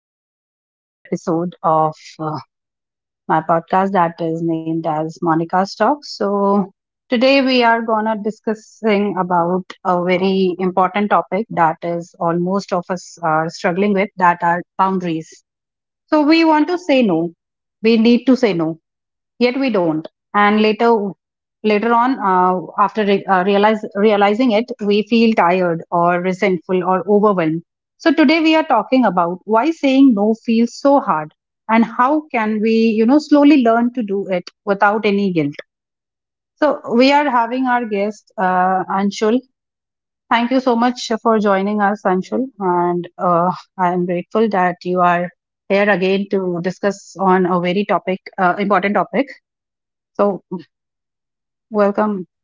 to the another episode of my podcast that is named as Monica's Talk. So today we are gonna discussing about a very important topic that is all most of us are struggling with that are boundaries. So we want to say no. We need to say no yet we don't and later on after realizing it we feel tired or resentful or overwhelmed. So today we are talking about why saying no feels so hard and how can we slowly learn to do it without any guilt. So we are having our guest, Anshul. Thank you so much for joining us, Anshul. And I am grateful that you are here again to discuss on a very topic important topic. So welcome.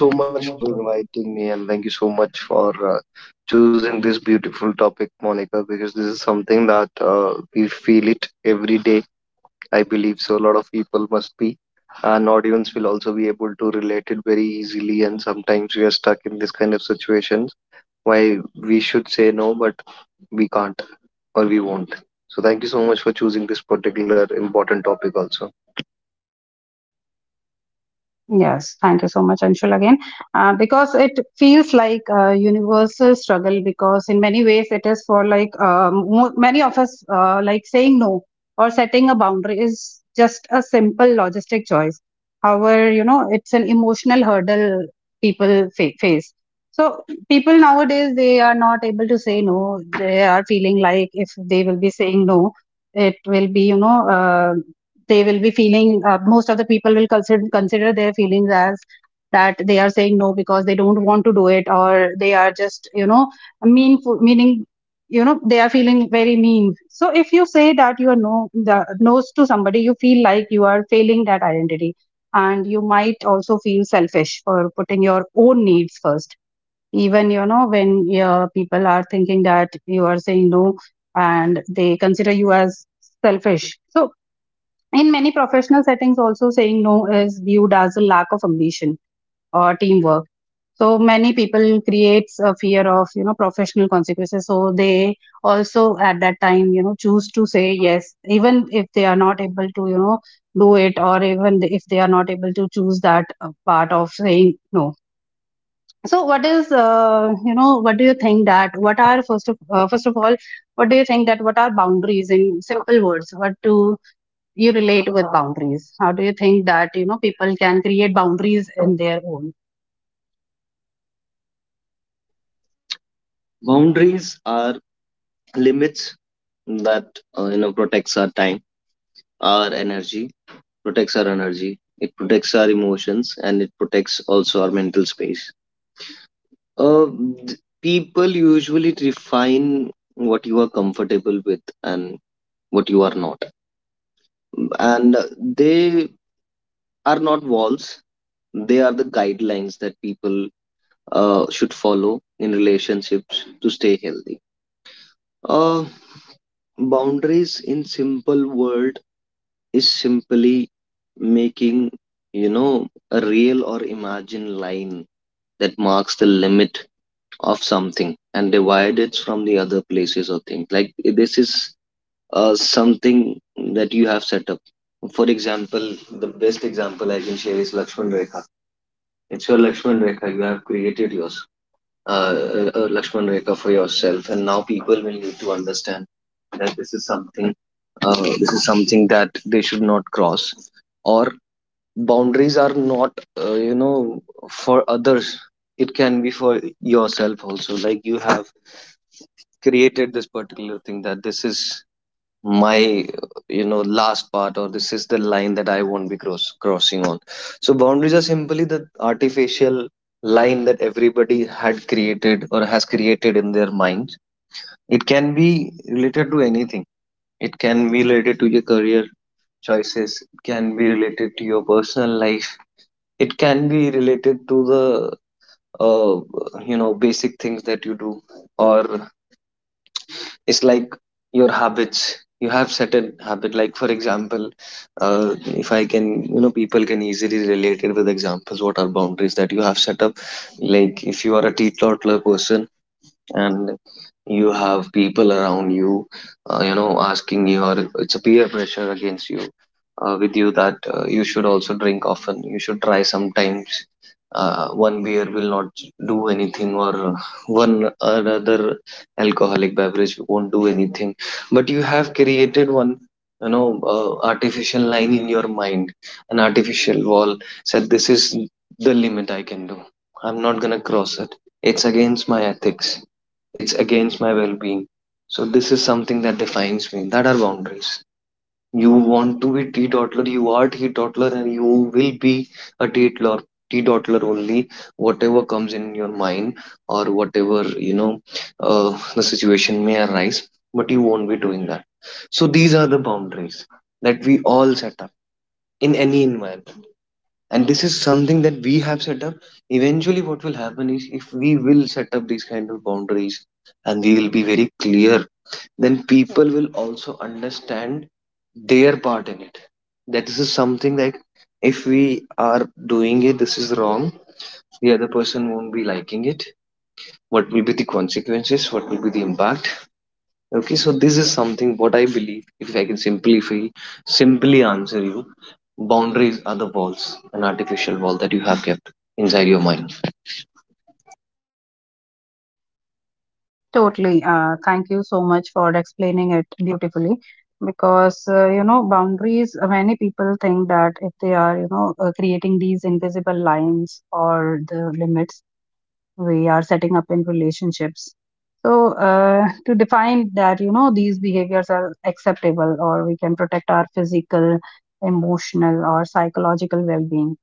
Thank you so much for inviting me, and thank you so much for choosing this beautiful topic, Monica, because this is something that we feel it every day. I believe so. A lot of people must be, and audience will also be able to relate it very easily. And sometimes we are stuck in this kind of situations why we should say no, but we can't or we won't. So, thank you so much for choosing this particular important topic, also. Yes, thank you so much, Anshul, again. Because it feels like a universal struggle, because in many ways it is for like many of us, like saying no or setting a boundary is just a simple logistic choice. However, you know, it's an emotional hurdle people face. So people nowadays, they are not able to say no. They are feeling like if they will be saying no, it will be, you know, they will be feeling, most of the people will consider their feelings as that they are saying no because they don't want to do it, or they are just, meaning, you know, they are feeling very mean. So if you say that you are no, the no's to somebody, you feel like you are failing that identity, and you might also feel selfish for putting your own needs first. Even, when, people are thinking that you are saying no and they consider you as selfish. So in many professional settings, also saying no is viewed as a lack of ambition or teamwork. So many people creates a fear of, professional consequences. So they also at that time, choose to say yes, even if they are not able to, do it, or even if they are not able to choose that part of saying no. So what is, what do you think that what are, first of all, what do you think that what are boundaries in simple words? What do you relate with boundaries? How do you think that, people can create boundaries in their own? Boundaries are limits that protects our time our energy, protects our energy, it protects our emotions, and it protects also our mental space. Uh, people usually define what you are comfortable with and what you are not. And they are not walls, they are the guidelines that people should follow in relationships to stay healthy. Uh, boundaries in simple word is simply making you know a real or imagined line that marks the limit of something and divide it from the other places or things like this is something that you have set up. For example, the best example I can share is Lakshman Rekha. It's your Lakshman Rekha, you have created yours uh, a Lakshman Rekha for yourself, and now people will need to understand that this is something, this is something that they should not cross, or boundaries are not uh, you know for others. It can be for yourself also, like you have created this particular thing that this is my last part, or this is the line that I won't be crossing on. So boundaries are simply the artificial line that everybody had created or has created in their minds. It can be related to anything. It can be related to your career choices, it can be related to your personal life, it can be related to the uh, basic things that you do, or it's like your habits. You have certain habit, like for example, uh, if I can, you know, people can easily relate it with examples what are boundaries that you have set up. Like if you are a teetotaler person and you have people around you you know asking you, or it's a peer pressure against you, with you that you should also drink often, you should try sometimes, one beer will not do anything, or one another alcoholic beverage won't do anything, but you have created one, you know, artificial line in your mind, an artificial wall, said this is the limit I can do, I'm not going to cross it. It's against my ethics, it's against my well-being. So this is something that defines me, that are boundaries. You want to be teetotaler, you are teetotaler, and you will be a teetotaler, teetotaler only, whatever comes in your mind, or whatever you know, the situation may arise, but you won't be doing that. So these are the boundaries that we all set up in any environment, and this is something that we have set up. Eventually, what will happen is if we will set up these kind of boundaries and we will be very clear, then people will also understand their part in it, that this is something that if we are doing it, this is wrong. The other person won't be liking it. What will be the consequences, what will be the impact. Okay, so this is something what I believe, if I can simplify, simply answer you. Boundaries are the walls, an artificial wall that you have kept inside your mind. Totally. Thank you so much for explaining it beautifully. Because, you know, boundaries, many people think that if they are, creating these invisible lines or the limits we are setting up in relationships. So, to define that, you know, these behaviors are acceptable or we can protect our physical, emotional, or psychological well being.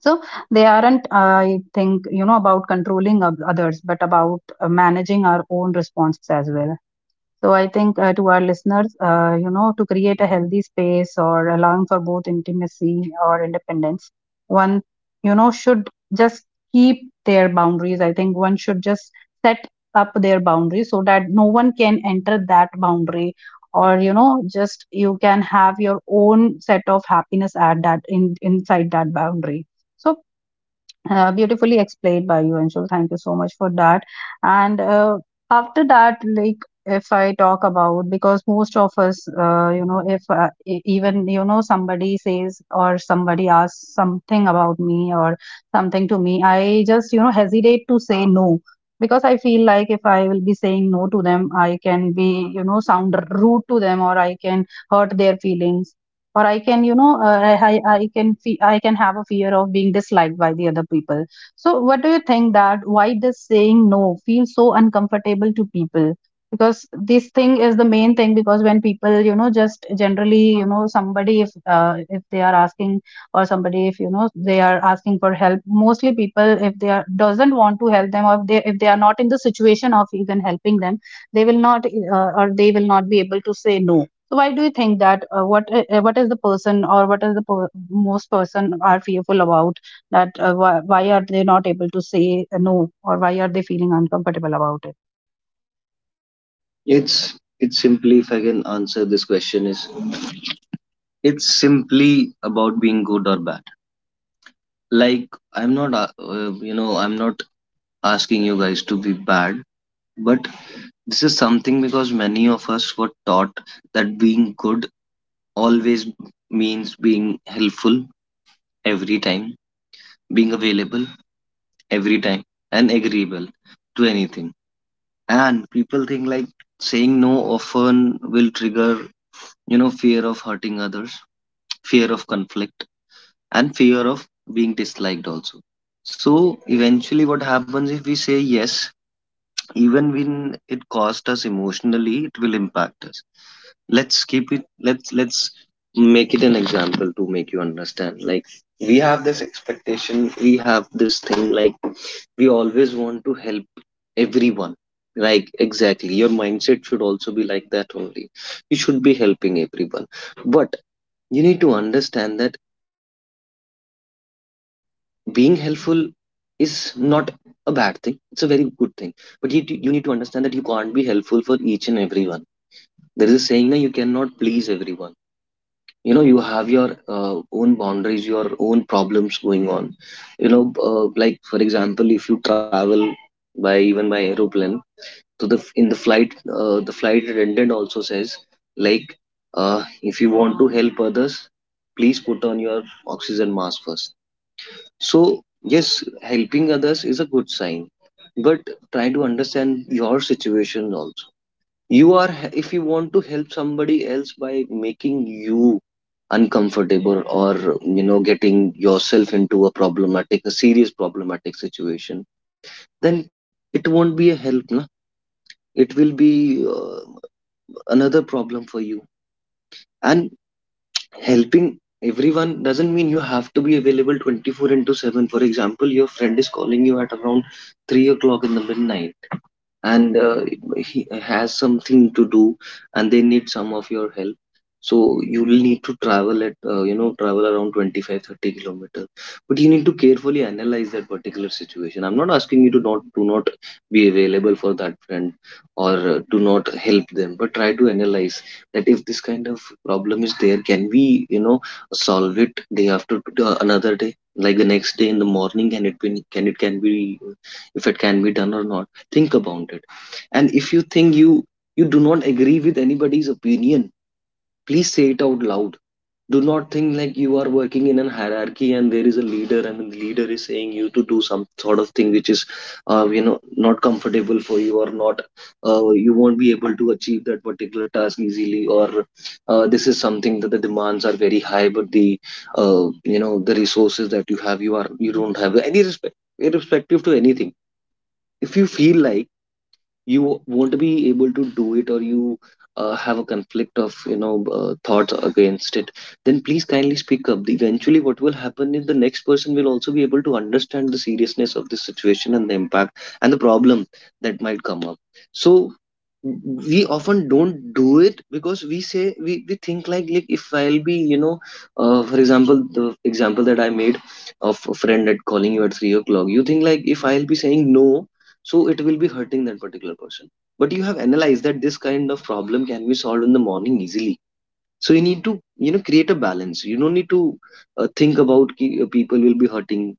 So they aren't, I think, you know, about controlling of others, but about managing our own responses as well. So I think, to our listeners, you know, to create a healthy space or allowing for both intimacy or independence, one, you know, should just keep their boundaries. I think one should just set up their boundaries so that no one can enter that boundary, or, you know, just you can have your own set of happiness at that in inside that boundary. So, beautifully explained by you, Anshul. Thank you so much for that. And, after that, like if I talk about, because most of us, you know, if, even, somebody says or somebody asks something about me or something to me, I just, hesitate to say no, because I feel like if I will be saying no to them, I can be, sound rude to them, or I can hurt their feelings, or I can you know I can fe- I can have a fear of being disliked by the other people. So what do you think that why does saying no feel so uncomfortable to people? Because this thing is the main thing, because when people, just generally, somebody, if they are asking, or somebody, if you know they are asking for help, mostly people, if they are doesn't want to help them, or if they are not in the situation of even helping them, they will not they will not be able to say no. So why do you think that, what is the person, or what is the per- most person are fearful about? That, why are they not able to say, no, or why are they feeling uncomfortable about it? It's it's simply, if I can answer this question is, it's simply about being good or bad. Like, I'm not asking you guys to be bad, but this is something because many of us were taught that being good always means being helpful every time, being available every time, and agreeable to anything. And people think like saying no often will trigger, you know, fear of hurting others, fear of conflict, and fear of being disliked also. So eventually, what happens if we say yes, even when it cost us emotionally, it will impact us. Let's keep it. Let's make it an example to make you understand. Like we have this expectation, we have this thing. Like we always want to help everyone, like exactly your mindset should also be like that only, you should be helping everyone, but you need to understand that being helpful is not a bad thing, it's a very good thing. But you need to understand that you can't be helpful for each and everyone. There is a saying that you cannot please everyone. You know, you have your own boundaries, your own problems going on. You know, like for example, if you travel by, even by aeroplane, so the in the flight, the flight attendant also says, like, if you want to help others, please put on your oxygen mask first. So yes, helping others is a good sign, but try to understand your situation also. You are, if you want to help somebody else by making you uncomfortable, or you know, getting yourself into a problematic, a serious problematic situation, then it won't be a help, na? It will be uh, another problem for you. And helping everyone doesn't mean you have to be available 24 into 7. For example, your friend is calling you at around 3 o'clock in the midnight, and he has something to do and they need some of your help, so you will need to travel at you know travel around twenty five thirty 30 kilometers. But you need to carefully analyze that particular situation. I'm not asking you to not do, not be available for that friend, or do not help them, but try to analyze that if this kind of problem is there, can we, you know, solve it day after, another day, like the next day in the morning, can it be, can it, can be, if it can be done or not. Think about it. And if you think you do not agree with anybody's opinion, please say it out loud. Do not think like you are working in an hierarchy and there is a leader and the leader is saying you to do some sort of thing which is uh, you know not comfortable for you or not, you won't be able to achieve that particular task easily, or this is something that the demands are very high, but the uh, the resources that you have, you are, you don't have any respect irrespective to anything. If you feel like you won't be able to do it, or you have a conflict of thoughts against it, then please kindly speak up. Eventually what will happen is the next person will also be able to understand the seriousness of this situation and the impact and the problem that might come up. So we often don't do it because we say, we think like if I'll be, you know, for example the example that I made of a friend at calling you at 3 o'clock, you think like if I'll be saying no, so it will be hurting that particular person. But you have analyzed that this kind of problem can be solved in the morning easily. So you need to, you know, create a balance. You don't need to think about people will be hurting,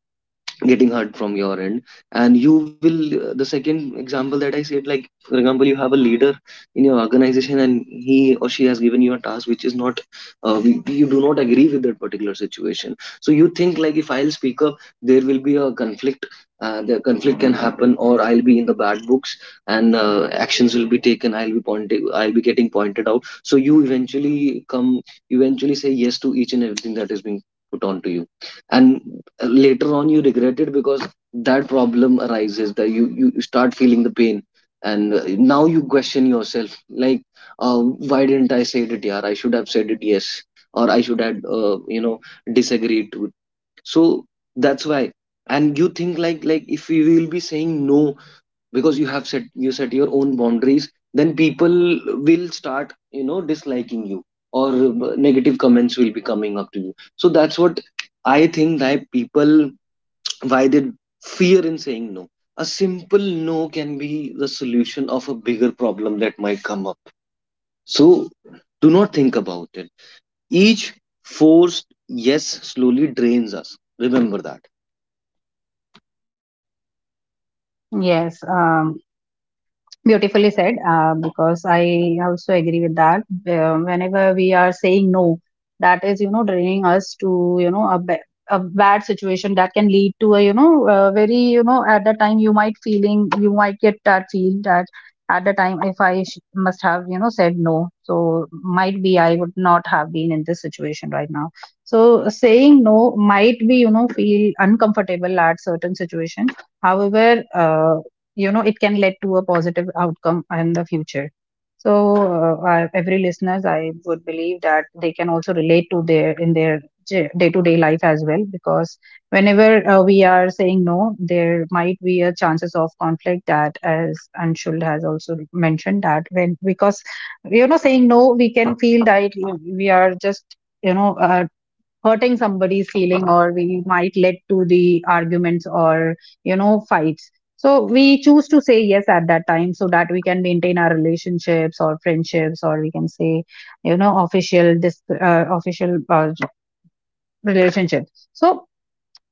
getting hurt from your end. And you will, the second example that I said, like for example, you have a leader in your organization and he or she has given you a task which is not we- you do not agree with that particular situation, so you think like if I'll speak up, there will be a conflict, the conflict can happen, or I'll be in the bad books, and actions will be taken, I'll be pointed, I'll be getting pointed out. So you eventually come, you eventually say yes to each and everything that is being put on to you, and later on you regret it because that problem arises, that you start feeling the pain. And now you question yourself like, uh, why didn't I say it? Yeah, I should have said it yes, or I should have disagreed to it. So that's why. And you think like if you will be saying no because you have set, you set your own boundaries, then people will start, you know, disliking you, or negative comments will be coming up to you. So that's what I think that people, why did fear in saying no? A simple no can be the solution of a bigger problem that might come up. So do not think about it. Each forced yes slowly drains us. Remember that. Yes. Beautifully said, because I also agree with that. Whenever we are saying no, that is, you know, draining us to, you know, a bad situation that can lead to a, you know, a very, you know, at the time you you might get that feel that at the time if must have, you know, said no, so might be I would not have been in this situation right now. So saying no might be, you know, feel uncomfortable at certain situations. However, you know, it can lead to a positive outcome in the future. So, every listeners I would believe that they can also relate to their, in their day to day life as well, because whenever, we are saying no, there might be a chances of conflict, that as Anshul has also mentioned, that when, because, you know, saying no we can feel that we are just, hurting somebody's feeling, or we might lead to the arguments or, fights. So we choose to say yes at that time so that we can maintain our relationships or friendships, or we can say, official this official relationships. So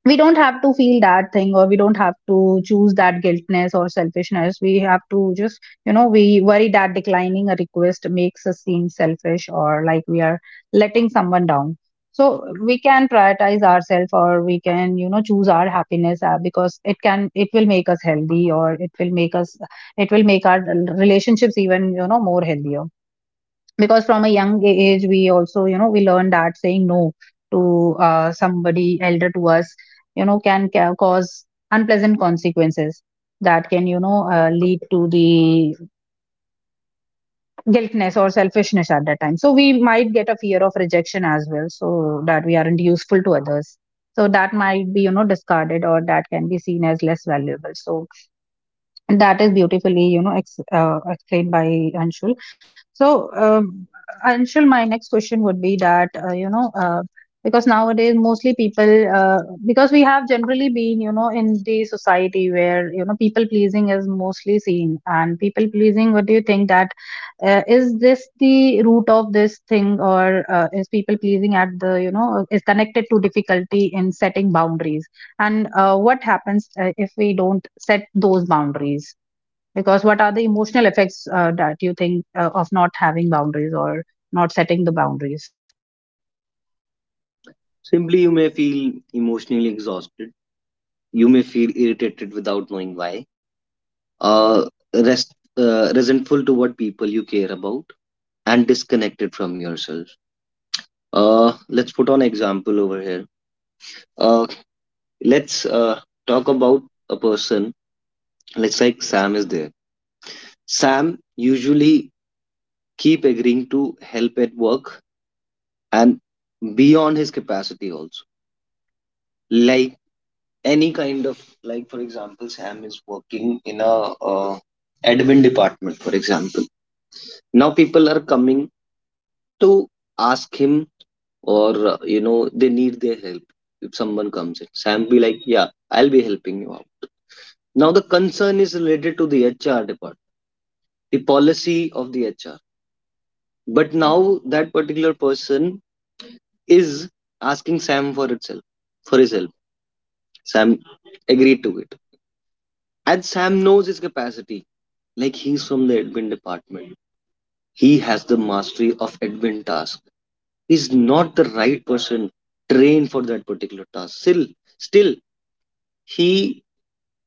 we don't have to feel that thing, or we don't have to choose that guiltness or selfishness. We have to just, we worry that declining a request makes us seem selfish, or like we are letting someone down. So we can prioritize ourselves, or we can, choose our happiness, because it will make us healthy, or it will make our relationships even, more healthier. Because from a young age we also, we learn that saying no to, somebody elder to us, you know, can cause unpleasant consequences that can, lead to the guiltness or selfishness at that time. So we might get a fear of rejection as well, so that we aren't useful to others. So that might be, you know, discarded, or that can be seen as less valuable. So that is beautifully, you know, ex explained by Anshul. So, Anshul, my next question would be that, because nowadays mostly people, because we have generally been, you know, in the society where, you know, people pleasing is mostly seen. And people pleasing, what do you think that, is this the root of this thing, or, is people pleasing at the, you know, is connected to difficulty in setting boundaries? And, what happens, if we don't set those boundaries, because what are the emotional effects, that you think, of not having boundaries or not setting the boundaries? Simply, you may feel emotionally exhausted. You may feel irritated without knowing why. Uh, Resentful toward people you care about, and disconnected from yourself. Let's put on an example over here. A let's talk about a person. Let's, like, Sam is there. Sam usually keep agreeing to help at work and beyond his capacity also. Like, any kind of, like, for example, Sam is working in a uh, admin department, for example. Now people are coming to ask him, or you know, they need their help. If someone comes in, Sam be like, yeah, I'll be helping you out. Now the concern is related to the HR department, the policy of the HR. But now that particular person is asking Sam for itself, for his help. Sam agreed to it. And Sam knows his capacity. Like, he's from the admin department. He has the mastery of admin task. He's not the right person trained for that particular task. Still, still, he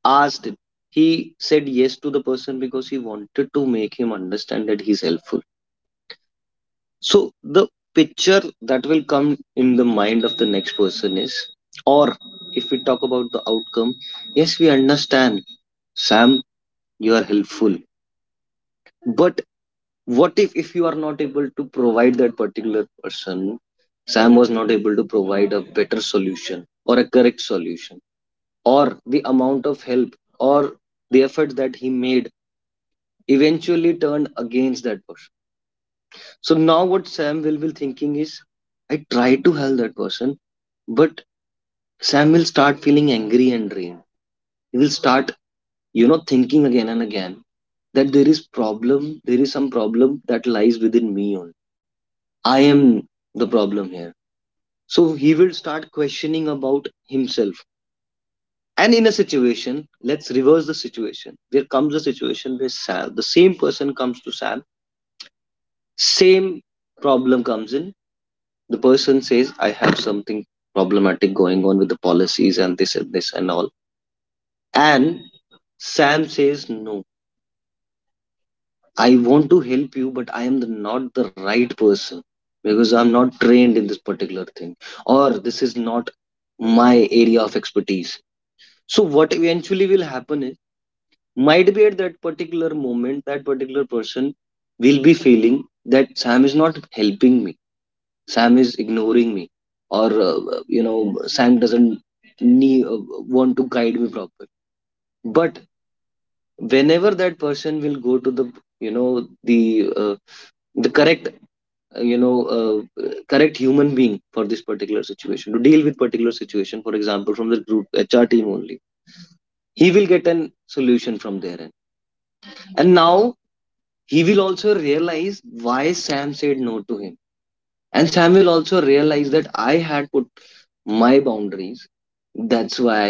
asked it. He said yes to the person because he wanted to make him understand that he's helpful. So the picture that will come in the mind of the next person is, or if we talk about the outcome, yes, we understand, Sam, you are helpful. But what if you are not able to provide that particular person, Sam was not able to provide a better solution or a correct solution, or the amount of help, or the effort that he made eventually turned against that person. So now what Sam will be thinking is, I tried to help that person. But Sam will start feeling angry and drained. He will start, you know, thinking again and again that there is problem, there is some problem that lies within me only. I am the problem here. So he will start questioning about himself. And in a situation, let's reverse the situation. There comes a situation where Sam, the same person comes to Sam, same problem comes in. The person says, I have something problematic going on with the policies and this and this and all. And Sam says, no, I want to help you, but I am the, not the right person, because I'm not trained in this particular thing, or this is not my area of expertise. So, what eventually will happen is, might be at that particular moment, that particular person will be feeling that Sam is not helping me, Sam is ignoring me, or you know, Sam doesn't need, want to guide me properly. But whenever that person will go to the, you know, the correct uh, you know uh, correct human being for this particular situation, to deal with particular situation, for example from the group HR team only, he will get an solution from their end. And now he will also realize why Sam said no to him, and Sam will also realize that I had put my boundaries. That's why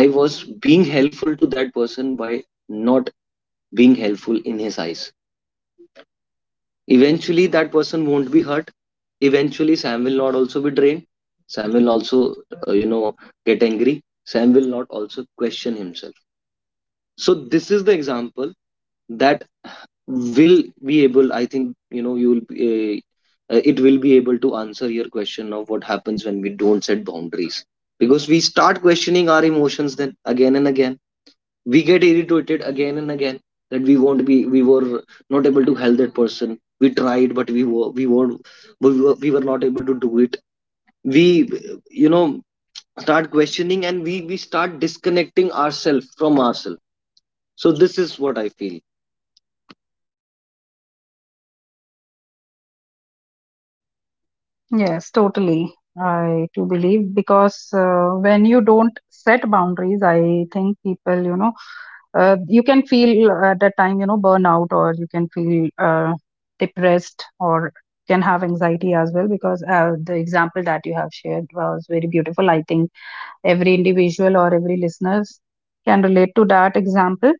I was being helpful to that person by not being helpful in his eyes. Eventually, that person won't be hurt. Eventually, Sam will not also be drained. Sam will also, you know, get angry. Sam will not also question himself. So this is the example that will be able. I think, you know, you will be, it will be able to answer your question of what happens when we don't set boundaries, because we start questioning our emotions then again and again, we get irritated again and again, that we won't be we were not able to help that person. We tried, but we were not able to do it. We, you know, start questioning, and we start disconnecting ourselves from ourselves. So this is what I feel. Yes, totally, I do believe, because, when you don't set boundaries, I think people, you can feel, at that time, you know, burnout, or you can feel, depressed, or can have anxiety as well, because, the example that you have shared was very beautiful. I think every individual or every listeners can relate to that example,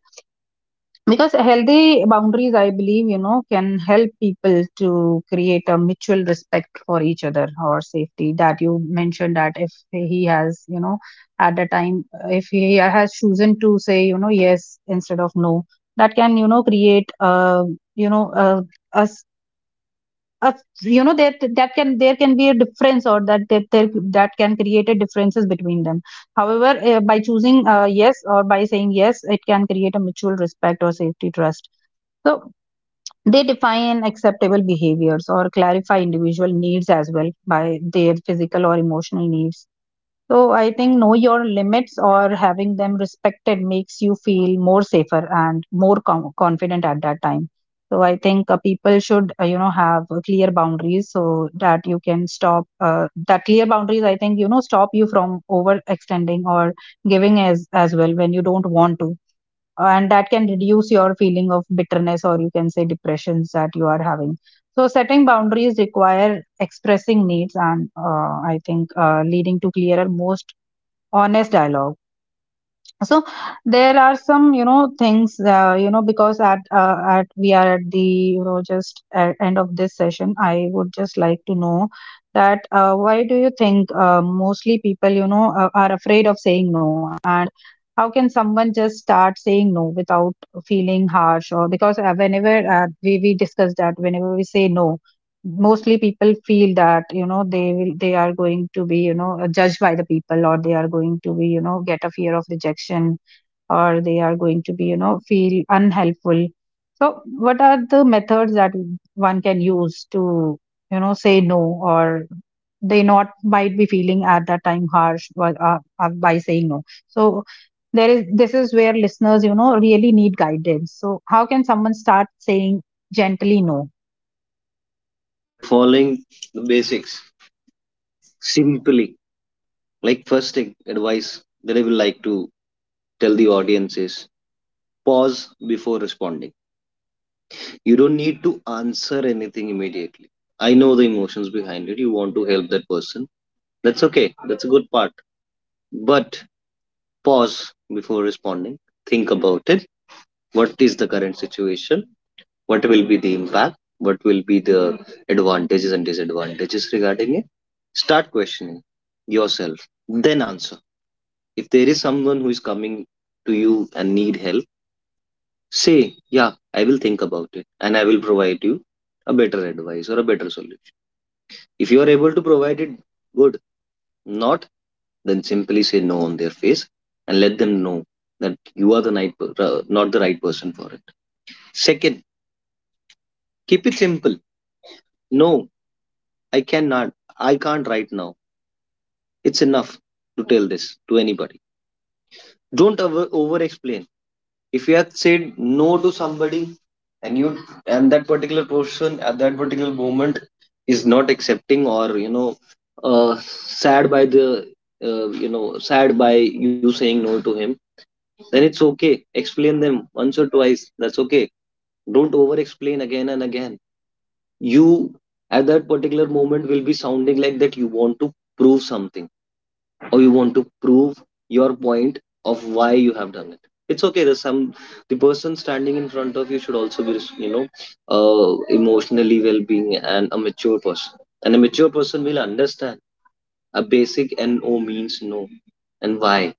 because healthy boundaries, I believe, you know, can help people to create a mutual respect for each other or safety that you mentioned, that if he has, you know, at the time, if he has chosen to say, you know, yes instead of no, that can, create, you know a uh, you know that that can there can be a difference, or that can create a differences between them. However, by choosing, yes, or by saying yes, it can create a mutual respect or safety trust. So they define acceptable behaviors or clarify individual needs as well, by their physical or emotional needs. So I think know your limits, or having them respected makes you feel more safer and more confident at that time. So I think, people should, have, clear boundaries so that you can stop, that clear boundaries. I think you know stop you from overextending or giving as well when you don't want to, and that can reduce your feeling of bitterness or you can say depressions that you are having. So setting boundaries require expressing needs and, I think leading to clearer, most honest dialogue. So there are some you know things you know because at we are at the you know just at end of this session I would just like to know that why do you think mostly people you know are afraid of saying no, and how can someone just start saying no without feeling harsh? Or because whenever we discuss that whenever we say no, mostly people feel that you know they are going to be you know judged by the people, or they are going to be you know get a fear of rejection, or they are going to be you know feel unhelpful. So what are the methods that one can use to you know say no, or they not might be feeling at that time harsh by saying no? So there is this is where listeners you know really need guidance. So how can someone start saying gently no? By following the basics simply, like, first advice that I will like to tell the audience is pause before responding. You don't need to answer anything immediately. I know the emotions behind it. You want to help that person. That's okay. That's a good part. But pause before responding. Think about it. What is the current situation? What will be the impact? What will be the advantages and disadvantages regarding it? Start questioning yourself. Then answer. If there is someone who is coming to you and need help, say, yeah, I will think about it and I will provide you a better advice or a better solution. If you are able to provide it, good. Not, then simply say no on their face and let them know that you are the right, not the right person for it. Second, keep it simple. No, I cannot. I can't right now. It's enough to tell this to anybody. Don't over explain. If you have said no to somebody and you and that particular person at that particular moment is not accepting, or you know, sad by the, you know, sad by you saying no to him, then it's okay. Explain them once or twice. That's okay. Don't over explain again and again. You, at that particular moment, will be sounding like that you want to prove something, or you want to prove your point of why you have done it. It's okay. There's some, the person standing in front of you should also be, you know, emotionally well-being and a mature person. And a mature person will understand a basic, and no means no, and why.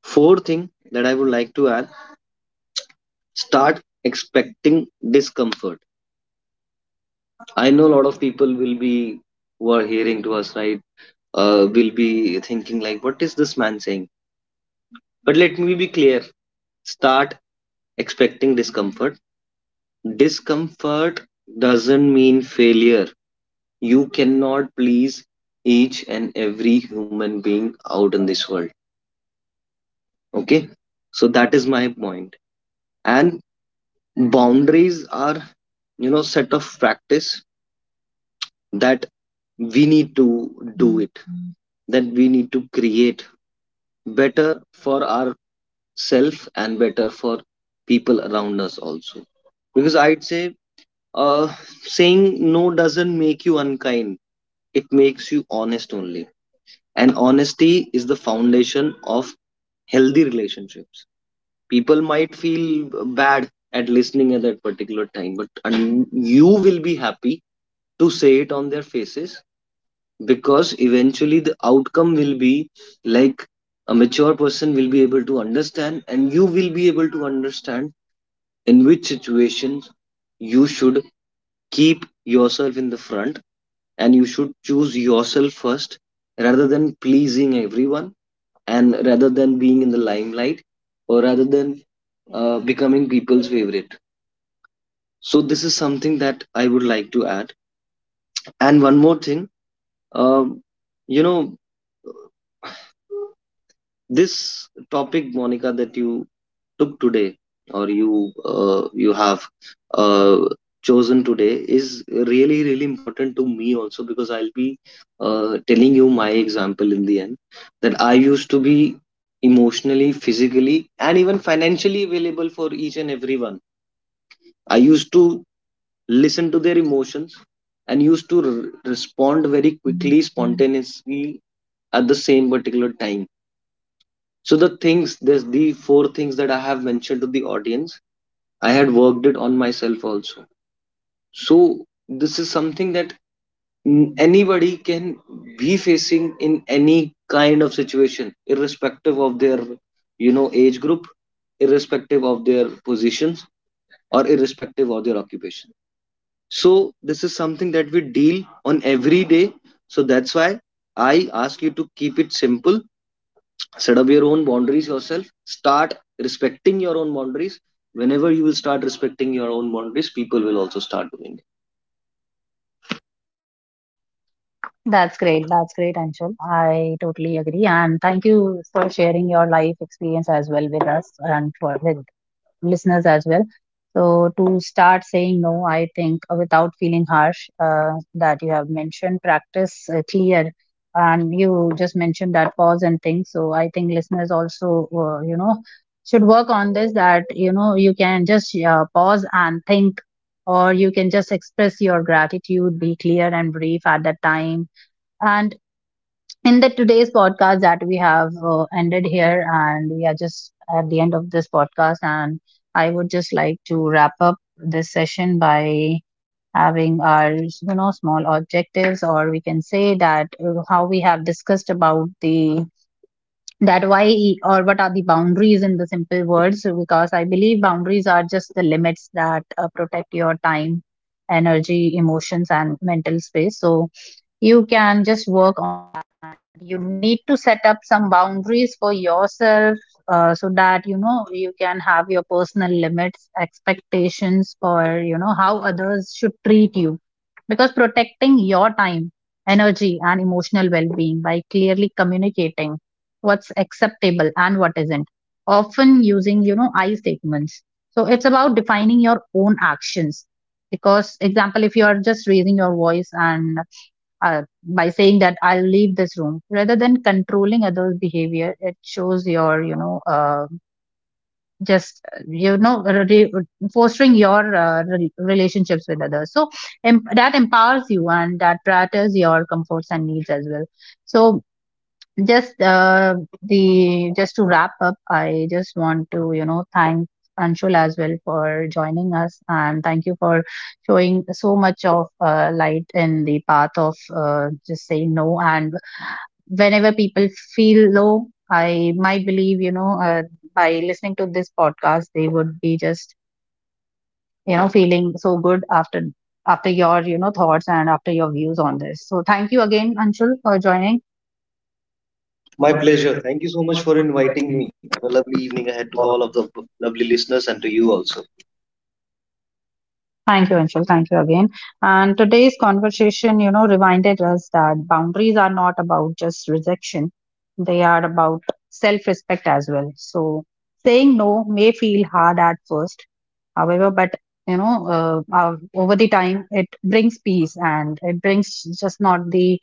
Fourth thing that I would like to add, start expecting discomfort. I know a lot of people will be, who are hearing to us, right? Will be thinking like, what is this man saying? But let me be clear. Start expecting discomfort. Discomfort doesn't mean failure. You cannot please each and every human being out in this world. Okay. So that is my point. And boundaries are, you know, set of practice that we need to do it, that we need to create better for ourselves and better for people around us also, because I'd say, uh, saying no doesn't make you unkind, it makes you honest only. And honesty is the foundation of healthy relationships. People might feel bad at listening at that particular time, but and you will be happy to say it on their faces, because eventually the outcome will be like a mature person will be able to understand, and you will be able to understand in which situations you should keep yourself in the front, and you should choose yourself first, rather than pleasing everyone, and rather than being in the limelight, or rather than becoming people's favorite. So this is something that I would like to add. And one more thing, um, you know, this topic, Monica, that you took today, or you you have uh, chosen today is really really important to me also, because I'll be telling you my example in the end, that I used to be emotionally, physically, and even financially available for each and everyone. I used to listen to their emotions and used to respond very quickly, spontaneously, at the same particular time. So the things, there's the four things that I have mentioned to the audience. I had worked it on myself also. So this is something that anybody can be facing in any kind of situation, irrespective of their, you know, age group, irrespective of their positions, or irrespective of their occupation. So this is something that we deal on every day. So that's why I ask you to keep it simple. Set up your own boundaries yourself. Start respecting your own boundaries. Whenever you will start respecting your own boundaries, people will also start doing it. That's great. That's great, Anshul. I totally agree. And thank you for sharing your life experience as well with us and for with listeners as well. So to start saying no, I think without feeling harsh, that you have mentioned practice clear, and you just mentioned that pause and think. So I think listeners also, you know, should work on this. That you know you can just pause and think, or you can just express your gratitude, be clear and brief at that time. And in the today's podcast that we have ended here, and we are just at the end of this podcast, and I would just like to wrap up this session by having our you know small objectives, or we can say that how we have discussed about the that why or what are the boundaries in the simple words, because I believe boundaries are just the limits that protect your time, energy, emotions and mental space. So you can just work on it. You need to set up some boundaries for yourself, so that you know you can have your personal limits, expectations for you know how others should treat you, because protecting your time, energy and emotional well-being by clearly communicating what's acceptable and what isn't, often using you know I statements. So it's about defining your own actions. Because example, if you are just raising your voice and by saying that I'll leave this room rather than controlling others' behavior, it shows your, you know, just you know, fostering your relationships with others. So that empowers you and that practices your comforts and needs as well. So just the just to wrap up, I just want to you know thank Anshul as well for joining us, and thank you for showing so much of light in the path of just saying no. And whenever people feel low, I might believe you know, by listening to this podcast they would be just you know feeling so good after after your you know thoughts and after your views on this. So thank you again, Anshul, for joining. My pleasure. Thank you so much for inviting me. Have a lovely evening ahead to all of the lovely listeners and to you also. Thank you, Anshul. Thank you again. And today's conversation, you know, reminded us that boundaries are not about just rejection, they are about self respect as well. So, saying no may feel hard at first, however, but you know, over the time, it brings peace and it brings just not the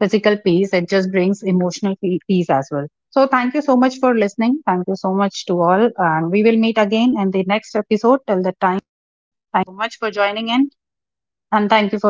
physical peace, it just brings emotional peace as well. So, thank you so much for listening. Thank you so much to all. And we will meet again in the next episode. Till the time, thank you so much for joining in. And thank you for listening.